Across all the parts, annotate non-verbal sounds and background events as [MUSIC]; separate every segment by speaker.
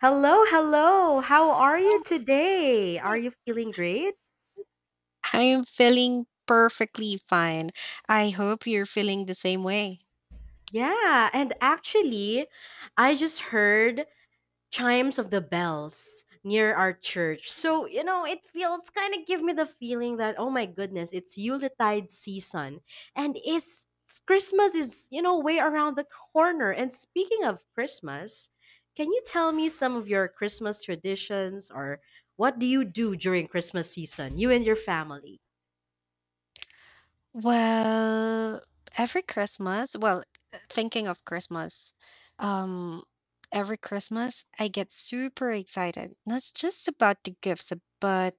Speaker 1: Hello, hello. How are you today? Are you feeling great?
Speaker 2: I am feeling perfectly fine. I hope you're feeling the same way.
Speaker 1: Yeah, and actually, I just heard chimes of the bells near our church. So, you know, it feels kind of give me the feeling that oh my goodness, it's Yuletide season and is Christmas is, you know, way around the corner. And speaking of Christmas, can you tell me some of your Christmas traditions or what do you do during Christmas season, you and your family?
Speaker 2: Well, well, thinking of Christmas, um, every Christmas I get super excited, not just about the gifts, but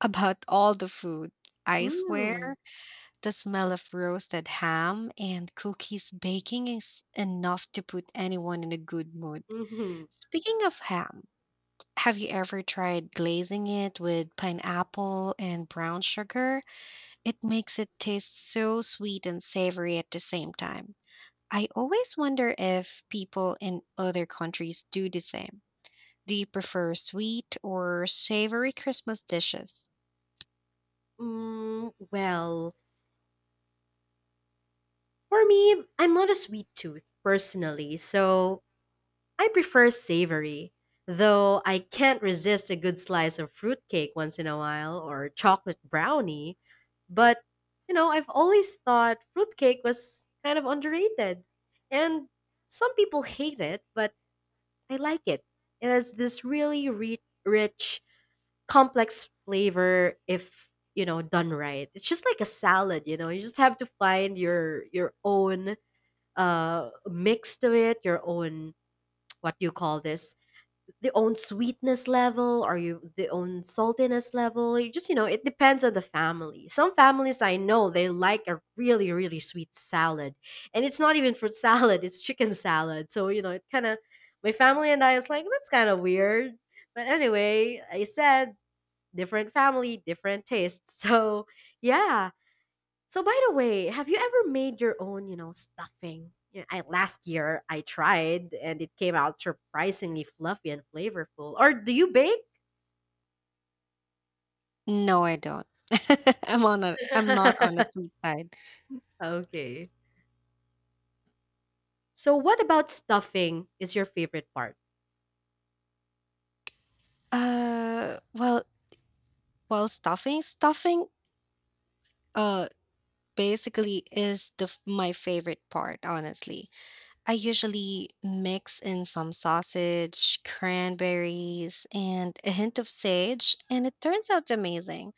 Speaker 2: about all the food. I swear,
Speaker 1: Hmm.
Speaker 2: the smell of roasted ham and cookies baking is enough to put anyone in a good mood.
Speaker 1: Hmm.
Speaker 2: Speaking of ham, have you ever tried glazing it with pineapple and brown sugar? It makes it taste so sweet and savory at the same time. I always wonder if people in other countries do the same. Do you prefer sweet or savory Christmas dishes?
Speaker 1: Well, for me, I'm not a sweet tooth personally, so I prefer savory. Though I can't resist a good slice of fruitcake once in a while or chocolate brownie. But, you know, I've always thought fruitcake was kind of underrated. And some people hate it, but I like it. It has this really rich complex flavor if you know done right. It's just like a salad, you know. You just have to find your own mix to it, your own what do you call this? The own sweetness level or you the own saltiness level. You just you know, it depends on the family. Some families I know they like a really really sweet salad. And it's not even fruit salad, it's chicken salad. So, you know, it kind of my family and I was like, that's kind of weird. But anyway, I said different family, different tastes. [LAUGHS] So, yeah. So, by the way, have you ever made your own, you know, stuffing? Yeah, I, last year I tried and it came out surprisingly fluffy and flavorful. Or do you bake?
Speaker 2: No, I don't. [LAUGHS] I'm not on the
Speaker 1: [LAUGHS]
Speaker 2: sweet side.
Speaker 1: Okay. So, what about stuffing is your favorite part?
Speaker 2: Uh, well, well, stuffing, uh, basically is my favorite part. Honestly, I usually mix in some sausage, cranberries, and a hint of sage, and it turns out amazing.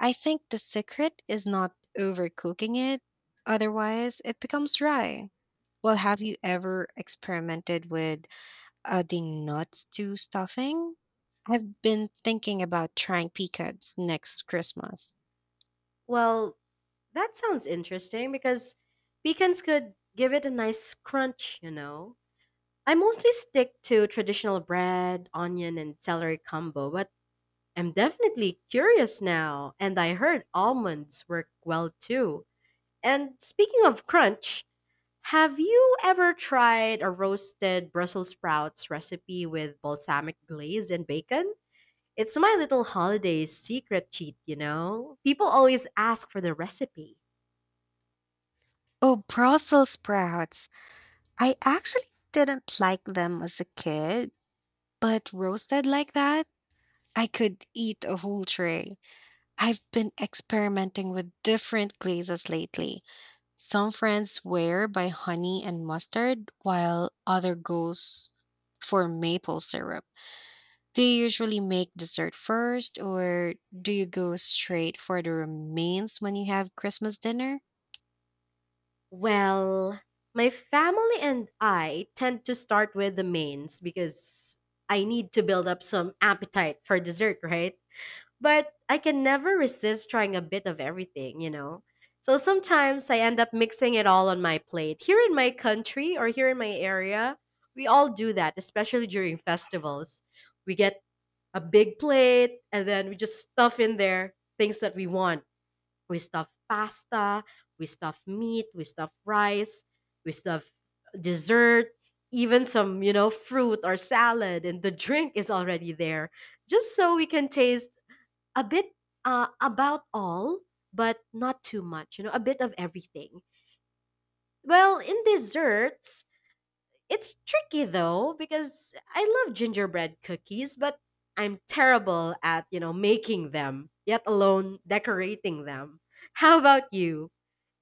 Speaker 2: I think the secret is not overcooking it; otherwise, it becomes dry. Well, have you ever experimented with adding nuts to stuffing? I've been thinking about trying pecans next Christmas.
Speaker 1: Well, that sounds interesting because pecans could give it a nice crunch, you know. I mostly stick to traditional bread, onion, and celery combo, but I'm definitely curious now, and I heard almonds work well too. And speaking of crunch, have you ever tried a roasted Brussels sprouts recipe with balsamic glaze and bacon? It's my little holiday secret cheat, you know? People always ask for the recipe.
Speaker 2: Oh, Brussels sprouts. I actually didn't like them as a kid, but roasted like that, I could eat a whole tray. I've been experimenting with different glazes lately. Some friends swear by honey and mustard, while other goes for maple syrup. Do you usually make dessert first, or do you go straight for the remains when you have Christmas dinner?
Speaker 1: Well, my family and I tend to start with the mains because I need to build up some appetite for dessert, right? But I can never resist trying a bit of everything, you know? So sometimes I end up mixing it all on my plate. Here in my country or here in my area, we all do that, especially during festivals. We get a big plate and then we just stuff in there things that we want. We stuff pasta, we stuff meat, we stuff rice, we stuff dessert, even some, you know, fruit or salad, and the drink is already there just so we can taste a bit about all, but not too much. You know, a bit of everything. Well, in desserts, it's tricky though because I love gingerbread cookies, but I'm terrible at you know making them, yet alone decorating them. How about you?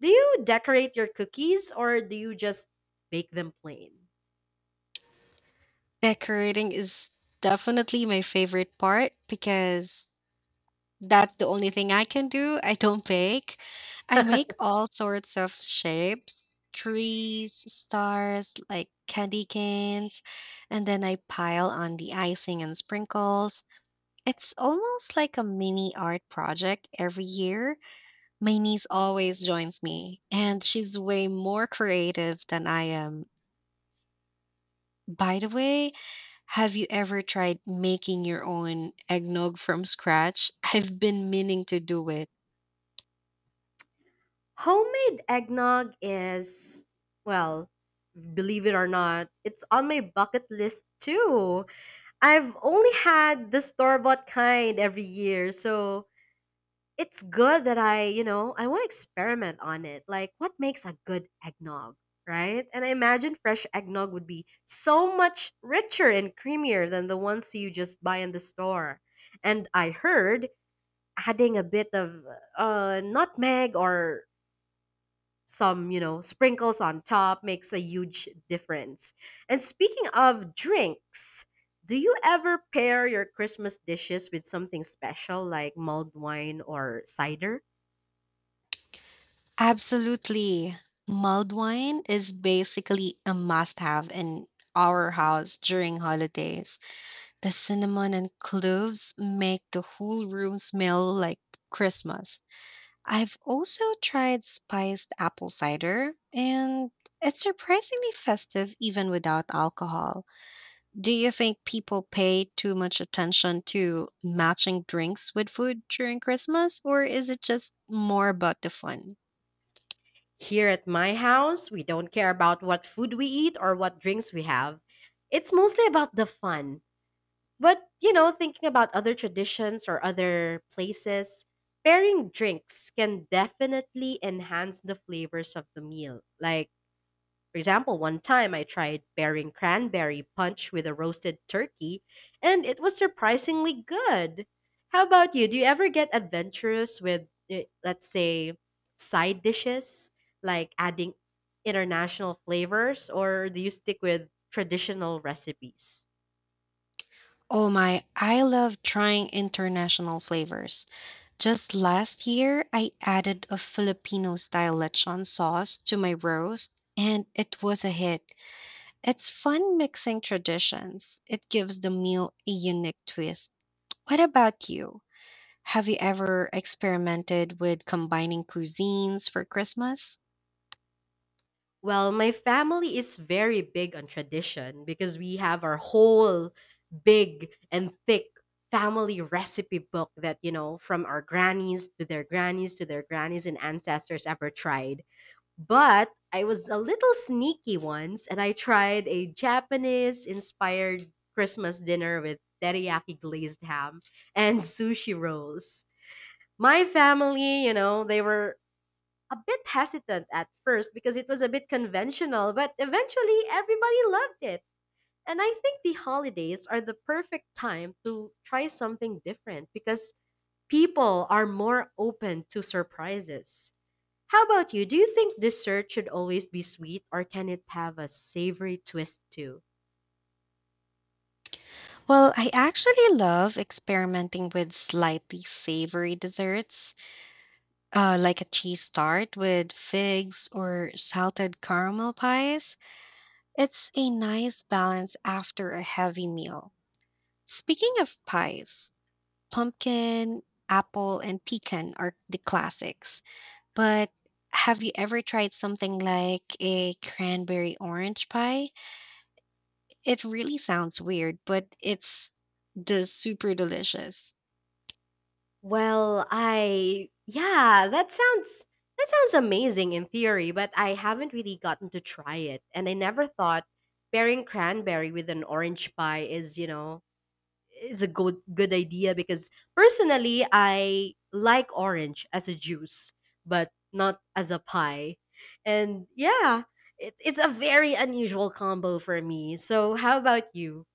Speaker 1: Do you decorate your cookies or do you just bake them plain?
Speaker 2: Decorating is definitely my favorite part because that's the only thing I can do. I don't bake. I make
Speaker 1: [LAUGHS]
Speaker 2: all sorts of shapes, trees, stars, like candy canes, and then I pile on the icing and sprinkles. It's almost like a mini art project every year. My niece always joins me, and she's way more creative than I am. By the way, have you ever tried making your own eggnog from scratch? I've been meaning to do it.
Speaker 1: Homemade eggnog is, well, believe it or not, it's on my bucket list too. I've only had the store bought kind every year, so it's good that I, you know, I want to experiment on it. Like, what makes a good eggnog, right? And I imagine fresh eggnog would be so much richer and creamier than the ones you just buy in the store. And I heard adding a bit of nutmeg or some you know sprinkles on top makes a huge difference. And speaking of drinks, do you ever pair your Christmas dishes with something special like mulled wine or cider?
Speaker 2: Absolutely. Mulled wine is basically a must have in our house during holidays. The cinnamon and cloves make the whole room smell like Christmas. I've also tried spiced apple cider, and it's surprisingly festive even without alcohol. Do you think people pay too much attention to matching drinks with food during Christmas, or is it just more about the fun?
Speaker 1: Here at my house we don't care about what food we eat or what drinks we have. It's mostly about the fun. But you know thinking about other traditions or other places, pairing drinks can definitely enhance the flavors of the meal. Like, for example, one time I tried pairing cranberry punch with a roasted turkey, and it was surprisingly good. How about you? Do you ever get adventurous with, let's say, side dishes, like adding international flavors, or do you stick with traditional recipes?
Speaker 2: Oh my, I love trying international flavors. Just last year, I added a Filipino style lechon sauce to my roast, and it was a hit. It's fun mixing traditions. It gives the meal a unique twist. What about you? Have you ever experimented with combining cuisines for Christmas?
Speaker 1: Well, my family is very big on tradition because we have our whole big and thick family recipe book that, you know, from our grannies to their grannies to their grannies and ancestors ever tried. But I was a little sneaky once and I tried a Japanese inspired Christmas dinner with teriyaki glazed ham and sushi rolls. My family, you know, they were a bit hesitant at first because it was a bit conventional, but eventually everybody loved it. And I think the holidays are the perfect time to try something different because people are more open to surprises. How about you? Do you think dessert should always be sweet or can it have a savory twist too?
Speaker 2: Well, I actually love experimenting with slightly savory desserts, like a cheese tart with figs or salted caramel pies. It's a nice balance after a heavy meal. Speaking of pies, pumpkin, apple, and pecan are the classics. But have you ever tried something like a cranberry orange pie? It really sounds weird, but it's the super delicious.
Speaker 1: Well, I yeah, that sounds amazing in theory, but I haven't really gotten to try it, and I never thought pairing cranberry with an orange pie is, you know, is a good idea because personally I like orange as a juice, but not as a pie. And yeah, it's a very unusual combo for me. So how about you?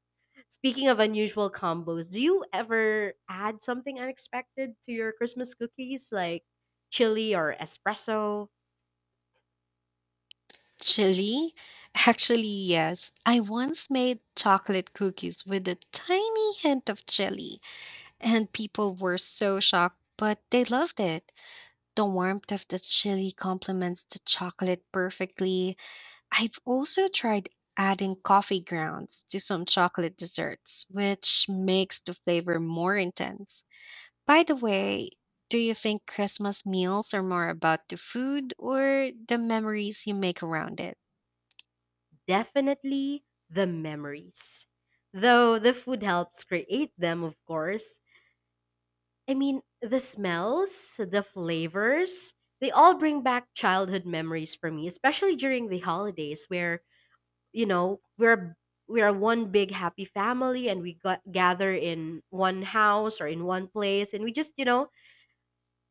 Speaker 1: Speaking of unusual combos, do you ever add something unexpected to your Christmas cookies like chili or espresso?
Speaker 2: Chili? [LAUGHS] Actually, yes. I once made chocolate cookies with a tiny hint of chili, and people were so shocked, but they loved it. The warmth of the chili complements the chocolate perfectly. I've also tried adding coffee grounds to some chocolate desserts, which makes the flavor more intense. By the way, do you think Christmas meals are more about the food or the memories you make around it?
Speaker 1: Definitely the memories. Though the food helps create them, of course. I mean, the smells, the flavors, they all bring back childhood memories for me, especially during the holidays where, you know, we're one big happy family and we got, gather in one house or in one place and we just, you know,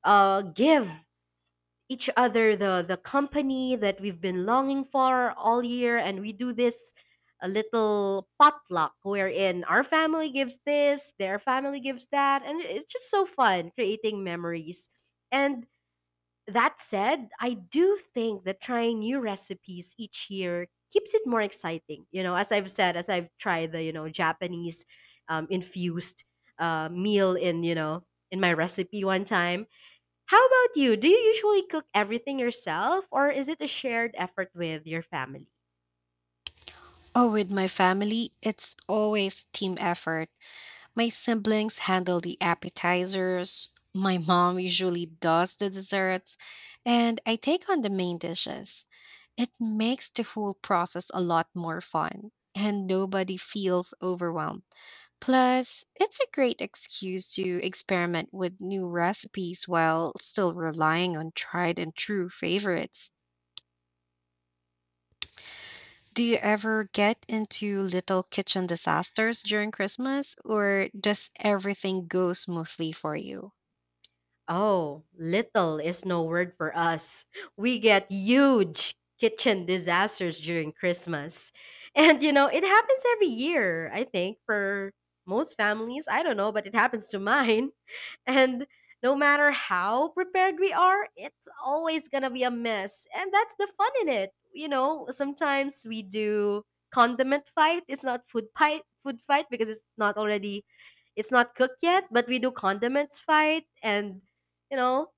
Speaker 1: give each other the company that we've been longing for all year, and we do this a little potluck wherein our family gives this, their family gives that, and it's just so fun creating memories. And that said, I do think that trying new recipes each year keeps it more exciting, you know, as I've said, as I've tried the you know Japanese infused meal in you know in my recipe one time. How about you? Do you usually cook everything yourself or is it a shared effort with your family?
Speaker 2: Oh, with my family, it's always team effort. My siblings handle the appetizers, my mom usually does the desserts, and I take on the main dishes. It makes the whole process a lot more fun, and nobody feels overwhelmed. Plus, it's a great excuse to experiment with new recipes while still relying on tried and true favorites. Do you ever get into little kitchen disasters during Christmas, or does everything go smoothly for you?
Speaker 1: Oh, little is no word for us. We get huge kitchen disasters during Christmas. [LAUGHS] And, you know, it happens every year, I think, for most families. I don't know, but it happens to mine. And no matter how prepared we are, it's always gonna be a mess. And that's the fun in it. You know, sometimes we do condiment fight. It's not food fight food fight because it's not already it's not cooked yet, but we do condiments fight, and you know,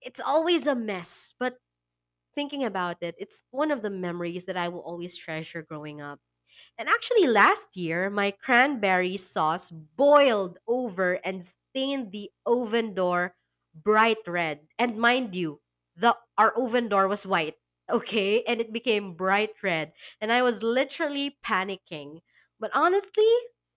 Speaker 1: it's always a mess. But thinking about it, it's one of the memories that I will always treasure growing up. And actually, last year, my cranberry sauce boiled over and stained the oven door bright red. And mind you, the our oven door was white, okay? And it became bright red. And I was literally panicking. But honestly,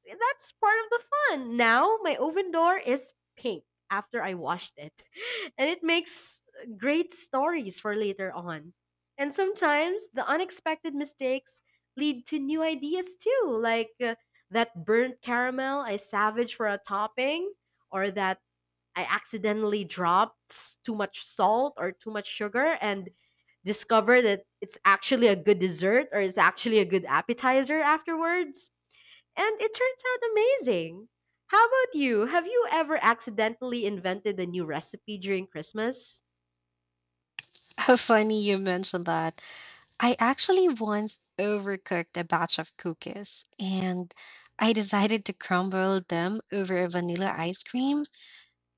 Speaker 1: that's part of the fun. Now, my oven door is pink after I washed it. [LAUGHS] And it makes great stories for later on. And sometimes the unexpected mistakes lead to new ideas too, like that burnt caramel I savage for a topping, or that I accidentally dropped too much salt or too much sugar and discover that it's actually a good dessert or it's actually a good appetizer afterwards. And it turns out amazing. How about you? Have you ever accidentally invented a new recipe during Christmas?
Speaker 2: [LAUGHS] Funny you mentioned that. I actually once overcooked a batch of cookies and I decided to crumble them over a vanilla ice cream.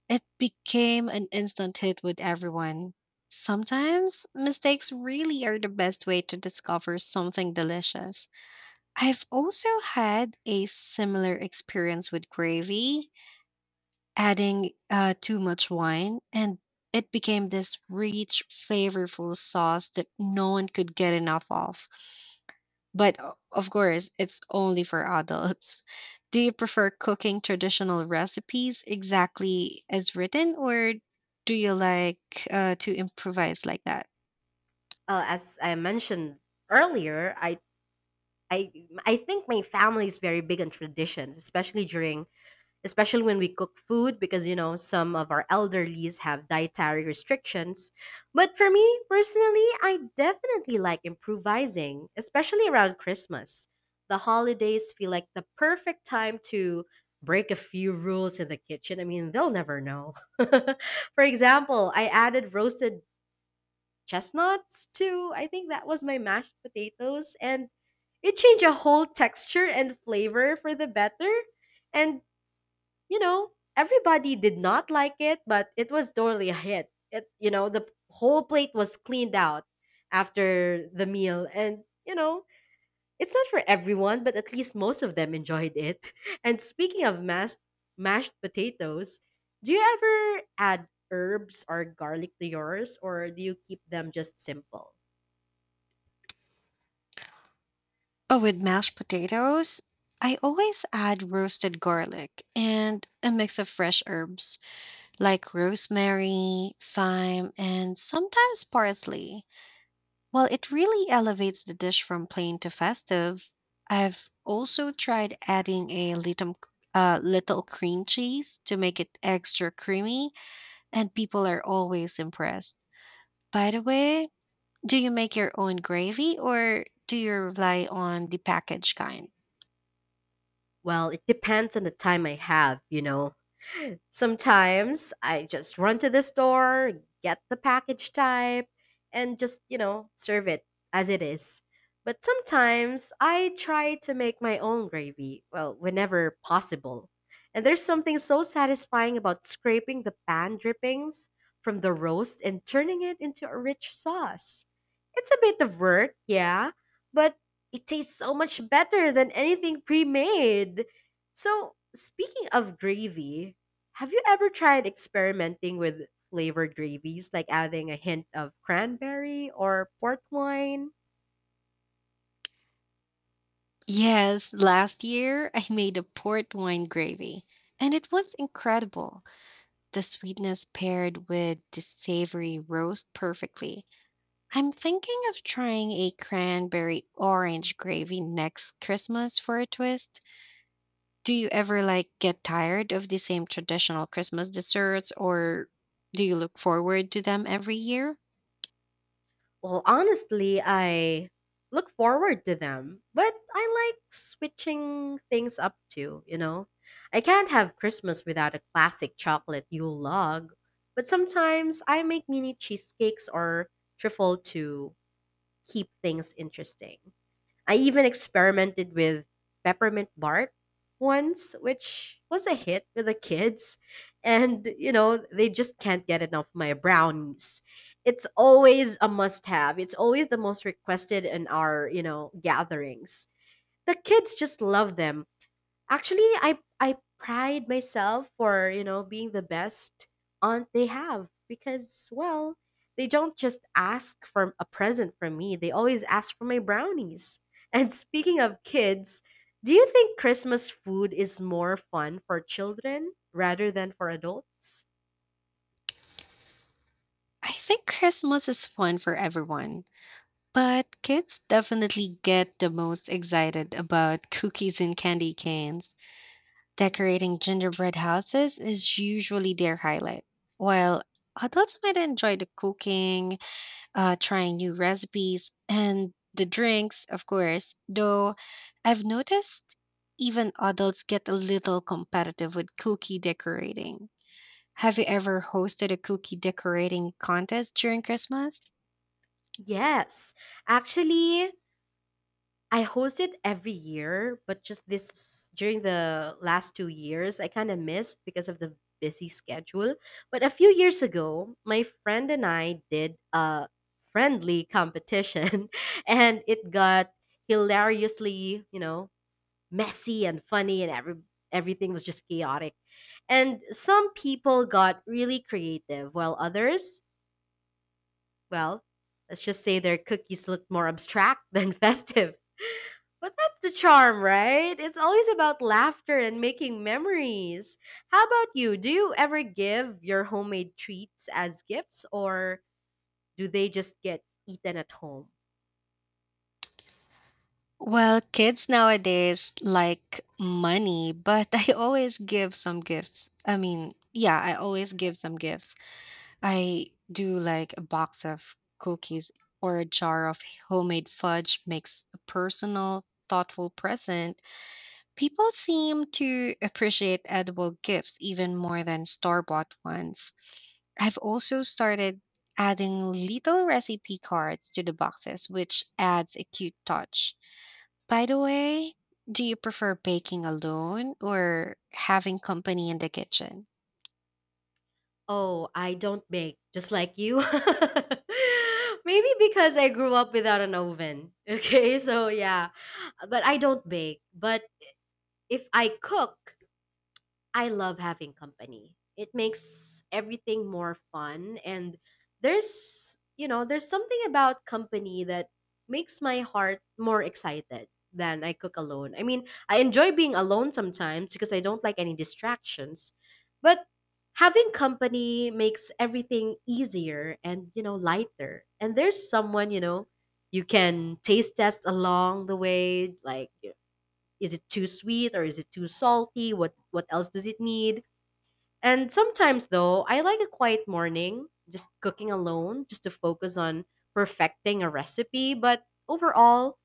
Speaker 2: It became an instant hit with everyone. Sometimes mistakes really are the best way to discover something delicious. I've also had a similar experience with gravy, adding too much wine, and it became this rich, flavorful sauce that no one could get enough of. But of course, it's only for adults. [LAUGHS] Do you prefer cooking traditional recipes exactly as written, or do you like to improvise like that?
Speaker 1: As I mentioned earlier, I I think my family is very big on traditions, especially during especially when we cook food because you know some of our elderlies have dietary restrictions. But for me personally, I definitely like improvising, especially around Christmas. The holidays feel like the perfect time to break a few rules in the kitchen. I mean, they'll never know. [LAUGHS] For example, I added roasted chestnuts to I think that was my mashed potatoes, and it changed the whole texture and flavor for the better. And, you know, everybody did not like it, but it was totally a hit. It, you know, the whole plate was cleaned out after the meal. And, you know, it's not for everyone, but at least most of them enjoyed it. [LAUGHS] And speaking of mashed, mashed potatoes, do you ever add herbs or garlic to yours, or do you keep them just simple?
Speaker 2: Oh, with mashed potatoes, I always add roasted garlic and a mix of fresh herbs, like rosemary, thyme, and sometimes parsley. Well, it really elevates the dish from plain to festive. I've also tried adding a little cream cheese to make it extra creamy, and people are always impressed. By the way, do you make your own gravy or do you rely on the packaged kind?
Speaker 1: Well, it depends on the time I have, you know. Sometimes I just run to the store, get the package type, and just, you know, serve it as it is. But sometimes I try to make my own gravy, well, whenever possible. And there's something so satisfying about scraping the pan drippings from the roast and turning it into a rich sauce. It's a bit of work, yeah, but it tastes so much better than anything pre made. So, speaking of gravy, have you ever tried experimenting with flavored gravies, like adding a hint of cranberry or port wine?
Speaker 2: Yes, last year [LAUGHS] I made a port wine gravy, and it was incredible. The sweetness paired with the savory roast perfectly. I'm thinking of trying a cranberry orange gravy next Christmas for a twist. Do you ever like get tired of the same traditional Christmas desserts or do you look forward to them every year?
Speaker 1: Well, honestly, I look forward to them, but I like switching things up too, you know? I can't have Christmas without a classic chocolate Yule log, but sometimes I make mini cheesecakes or trifle to keep things interesting. I even experimented with peppermint bark once, which was a hit with the kids. And, they just can't get enough of my brownies. It's always a must have, it's always the most requested in our gatherings. The kids just love them. Actually, I pride myself for, you know, being the best aunt they have because, well, they don't just ask for a present from me. They always ask for my brownies. [LAUGHS] And speaking of kids, do you think Christmas food is more fun for children rather than for adults?
Speaker 2: I think Christmas is fun for everyone, but kids definitely get the most excited about cookies and candy canes. Decorating gingerbread houses is usually their highlight, while adults might enjoy the cooking, trying new recipes, and the drinks, of course. Though I've noticed even adults get a little competitive with cookie decorating. Have you ever hosted a cookie decorating contest during Christmas?
Speaker 1: Yes. Actually, I host it every year, but just this during the last 2 years, I kind of missed because of the busy schedule. But a few years ago, my friend and I did a friendly competition, [LAUGHS] and it got hilariously, messy and funny, and everything was just chaotic. And some people got really creative, while others, well, let's just say their cookies looked more abstract than [LAUGHS] festive. But that's the charm, right? It's always about laughter and making memories. How about you? Do you ever give your homemade treats as gifts or do they just get eaten at home?
Speaker 2: Well, kids nowadays like money, but [LAUGHS] I always give some gifts. I mean, yeah, I always give some gifts. I do, like a box of cookies or a jar of homemade fudge makes a personal, thoughtful present. People seem to appreciate edible gifts even more than store bought ones. I've also started adding little recipe cards to the boxes, which adds a cute touch. By the way, do you prefer baking alone or having company in the kitchen?
Speaker 1: Oh, I don't bake, just like you. [LAUGHS] Maybe because I grew up without an oven. [LAUGHS] Okay, so yeah, but I don't bake. But if I cook, I love having company. It makes everything more fun, and there's something about company that makes my heart more excited than I cook alone. I mean, I enjoy being alone sometimes because I don't like any distractions, but having company makes everything easier and lighter. And there's someone you can taste test along the way, like, is it too sweet or is it too salty, what else does it need? And sometimes, though, I like a quiet morning just cooking alone, just to focus on perfecting a recipe. But overall,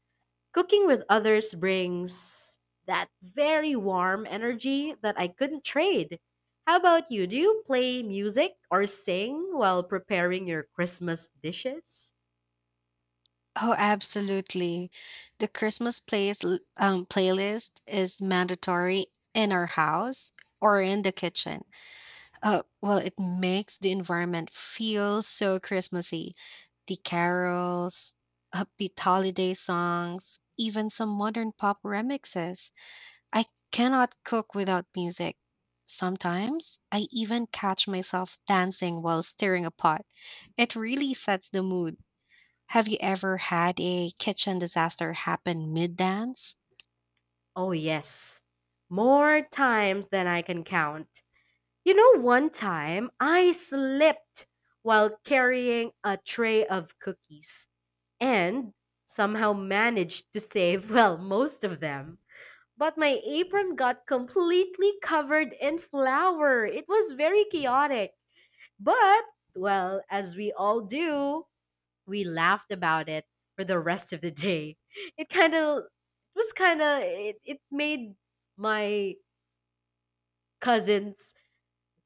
Speaker 1: cooking with others brings that very warm energy that I couldn't trade. How about you? Do you play music or sing while preparing your Christmas dishes?
Speaker 2: Oh, absolutely. The playlist is mandatory in our house or in the kitchen. Well, it makes the environment feel so Christmassy. The carols, upbeat holiday songs, even some modern pop remixes. I cannot cook without music. Sometimes I even catch myself dancing while stirring a pot. It really sets the mood. Have you ever had a kitchen disaster happen mid dance?
Speaker 1: Oh, yes, more times than I can count. You know, one time I slipped while carrying a tray of cookies and somehow managed to save, [LAUGHS] well, most of them. But my apron got completely covered in flour. It was very chaotic. But, well, as we all do, we laughed about it for the rest of the day. It kind of it was kind of it, it made my cousins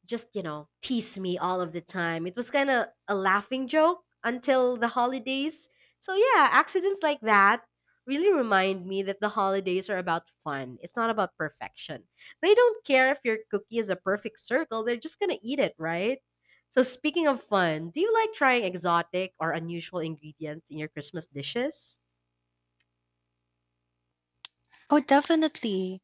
Speaker 1: just tease me all of the time. It was kind of a laughing joke until the holidays. So yeah, accidents like that really remind me that the holidays are about fun, it's not about perfection. They don't care if your cookie is a perfect circle, they're just gonna eat it, right? So, speaking of fun, do you like trying exotic or unusual ingredients in your Christmas dishes?
Speaker 2: Oh, definitely.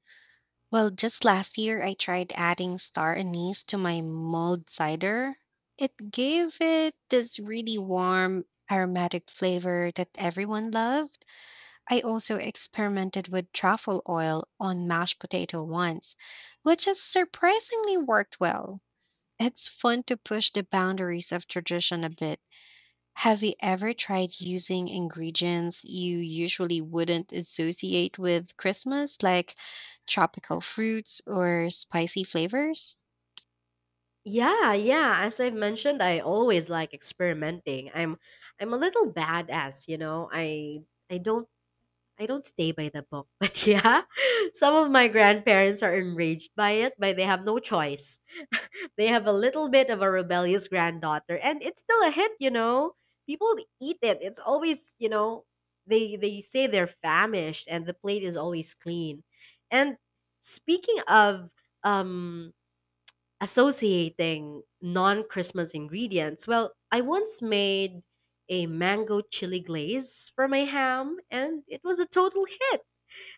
Speaker 2: Well, just last year, I tried adding star anise to my mulled cider. It gave it this really warm, aromatic flavor that everyone loved. I also experimented with truffle oil on mashed potato once, which has surprisingly worked well. It's fun to push the boundaries of tradition a bit. Have you ever tried using ingredients you usually wouldn't associate with Christmas, like tropical fruits or spicy flavors?
Speaker 1: Yeah, yeah. As I've mentioned, I always like experimenting. I'm a little badass. I don't stay by the book, [LAUGHS] but yeah, some of my grandparents are enraged by it, but they have no choice. They have a little bit of a rebellious granddaughter, and it's still a hit. People eat it. It's always they say they're famished, and the plate is always clean. And speaking of um, associating non-Christmas ingredients, well, I once made a mango chili glaze for my ham, and it was a total hit.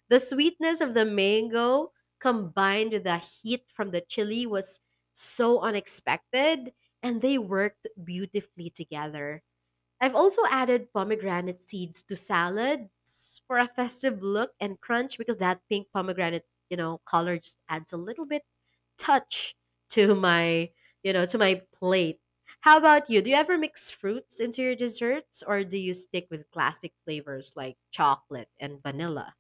Speaker 1: The sweetness of the mango combined with the heat from the chili was so unexpected, and they worked beautifully together. I've also added pomegranate seeds to salads for a festive look and crunch, because that pink pomegranate color just adds a little bit touch to my plate. How about you? Do you ever mix fruits into your desserts or do you stick with classic flavors like chocolate and vanilla?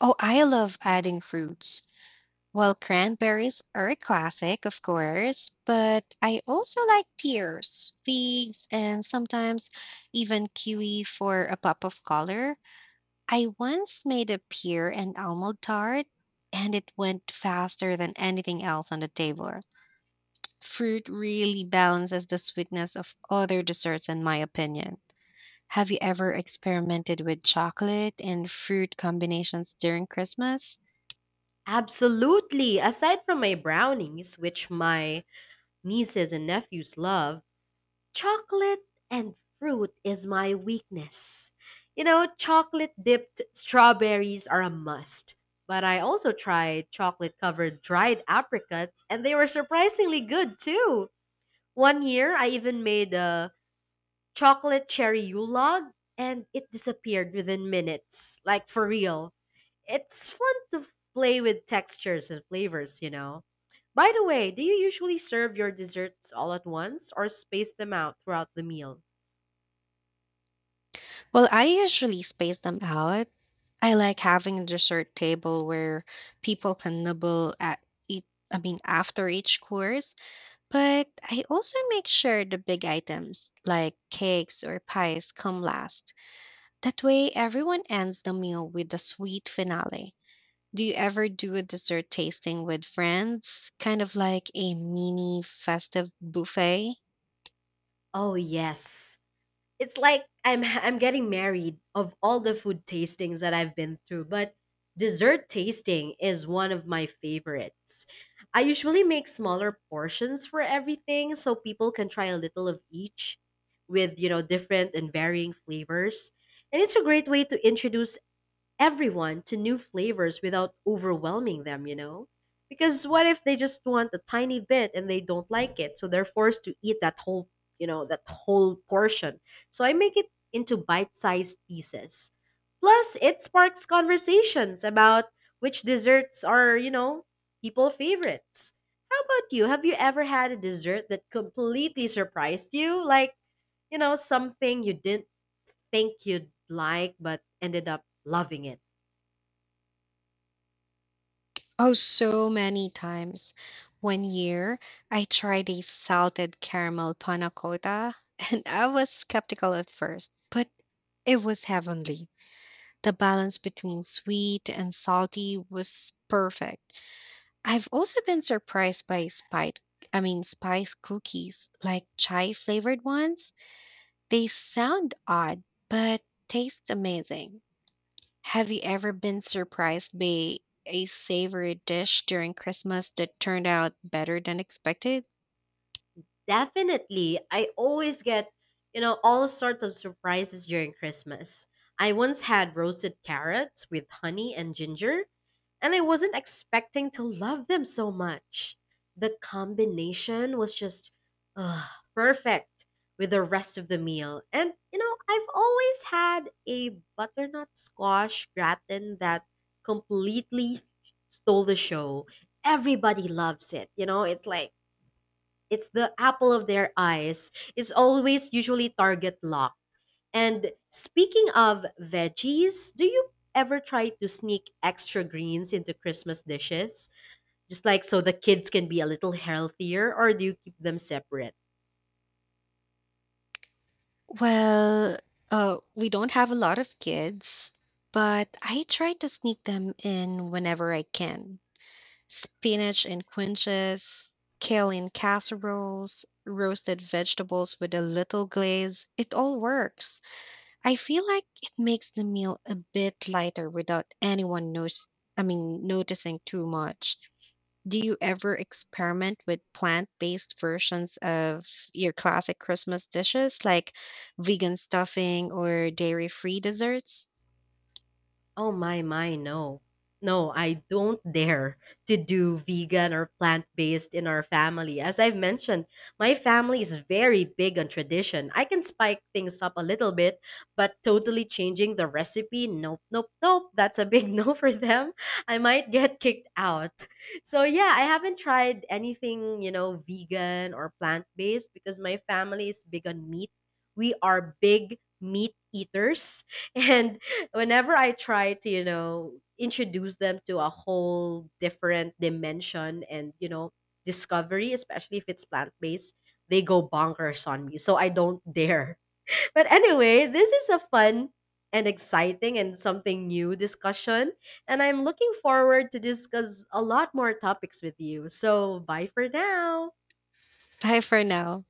Speaker 2: Oh, I love adding fruits. Well, cranberries are a classic, of course, but I also like pears, figs, and sometimes even kiwi for a pop of color. I once made a pear and almond tart, and it went faster than anything else on the table. Fruit really balances the sweetness of other desserts, in my opinion. Have you ever experimented with chocolate and fruit combinations during Christmas?
Speaker 1: Absolutely. Aside from my brownies, which my nieces and nephews love, chocolate and fruit is my weakness. You know, chocolate dipped strawberries are a must. But I also tried chocolate covered dried apricots, and they were surprisingly good too. One year, I even made a chocolate cherry Yulog, and it disappeared within minutes. Like, for real. It's fun to play with textures and flavors. By the way, do you usually serve your desserts all at once or space them out throughout the meal?
Speaker 2: Well, I usually space them out. I like having a dessert table where people can nibble at eat, after each course. But I also make sure the big items like cakes or pies come last. That way, everyone ends the meal with a sweet finale. Do you ever do a dessert tasting with friends? Kind of like a mini festive buffet?
Speaker 1: Oh, yes. It's like I'm [LAUGHS] I'm getting married of all the food tastings that I've been through, but dessert tasting is one of my favorites. I usually make smaller portions for everything so people can try a little of each with different and varying flavors. And it's a great way to introduce everyone to new flavors without overwhelming them, you know? Because what if they just want a tiny bit and they don't like it? So they're forced to eat that whole portion. So I make it into bite sized pieces. Plus, it sparks conversations about which desserts are people favorites. How about you? Have you ever had a dessert that completely surprised you? Like, something you didn't think you'd like but ended up loving it?
Speaker 2: Oh, so many times. One year, I tried a salted caramel panna cotta, [LAUGHS] and I was skeptical at first, but it was heavenly. The balance between sweet and salty was perfect. I've also been surprised by spice. I mean, spice cookies, like chai flavored ones. They sound odd, but taste amazing. Have you ever been surprised by a savory dish during Christmas that turned out better than expected?
Speaker 1: Definitely. I always get all sorts of surprises during Christmas. I once had roasted carrots with honey and ginger, and I wasn't expecting to love them so much. The combination was just ugh, perfect with the rest of the meal. And, I've always had a butternut squash gratin that completely stole the show. Everybody loves it. It's like, it's the apple of their eyes. It's always usually target lock. And speaking of veggies, do you ever try to sneak extra greens into Christmas dishes? Just like, so the kids can be a little healthier, or do you keep them separate?
Speaker 2: Well, we don't have a lot of kids, but I try to sneak them in whenever I can. Spinach and quinces, kale in casseroles, roasted vegetables with a little glaze. It all works. I feel like it makes the meal a bit lighter without anyone knows I mean noticing too much. Do you ever experiment with plant-based versions of your classic Christmas dishes like vegan stuffing or dairy-free desserts?
Speaker 1: Oh my, no. No, I don't dare to do vegan or plant-based in our family. As I've mentioned, my family is very big on tradition. I can spike things up a little bit, but totally changing the recipe, nope, nope, nope. That's a big [LAUGHS] no for them. I might get kicked out. So yeah, I haven't tried anything vegan or plant-based because my family is big on meat. We are big meat eaters [LAUGHS] and whenever I try to introduce them to a whole different dimension and discovery, especially if it's plant based, they go bonkers on me. So I don't dare. [LAUGHS] But anyway, this is a fun and exciting and something new discussion. And I'm looking forward to discuss a lot more topics with you. So bye for now.
Speaker 2: Bye for now.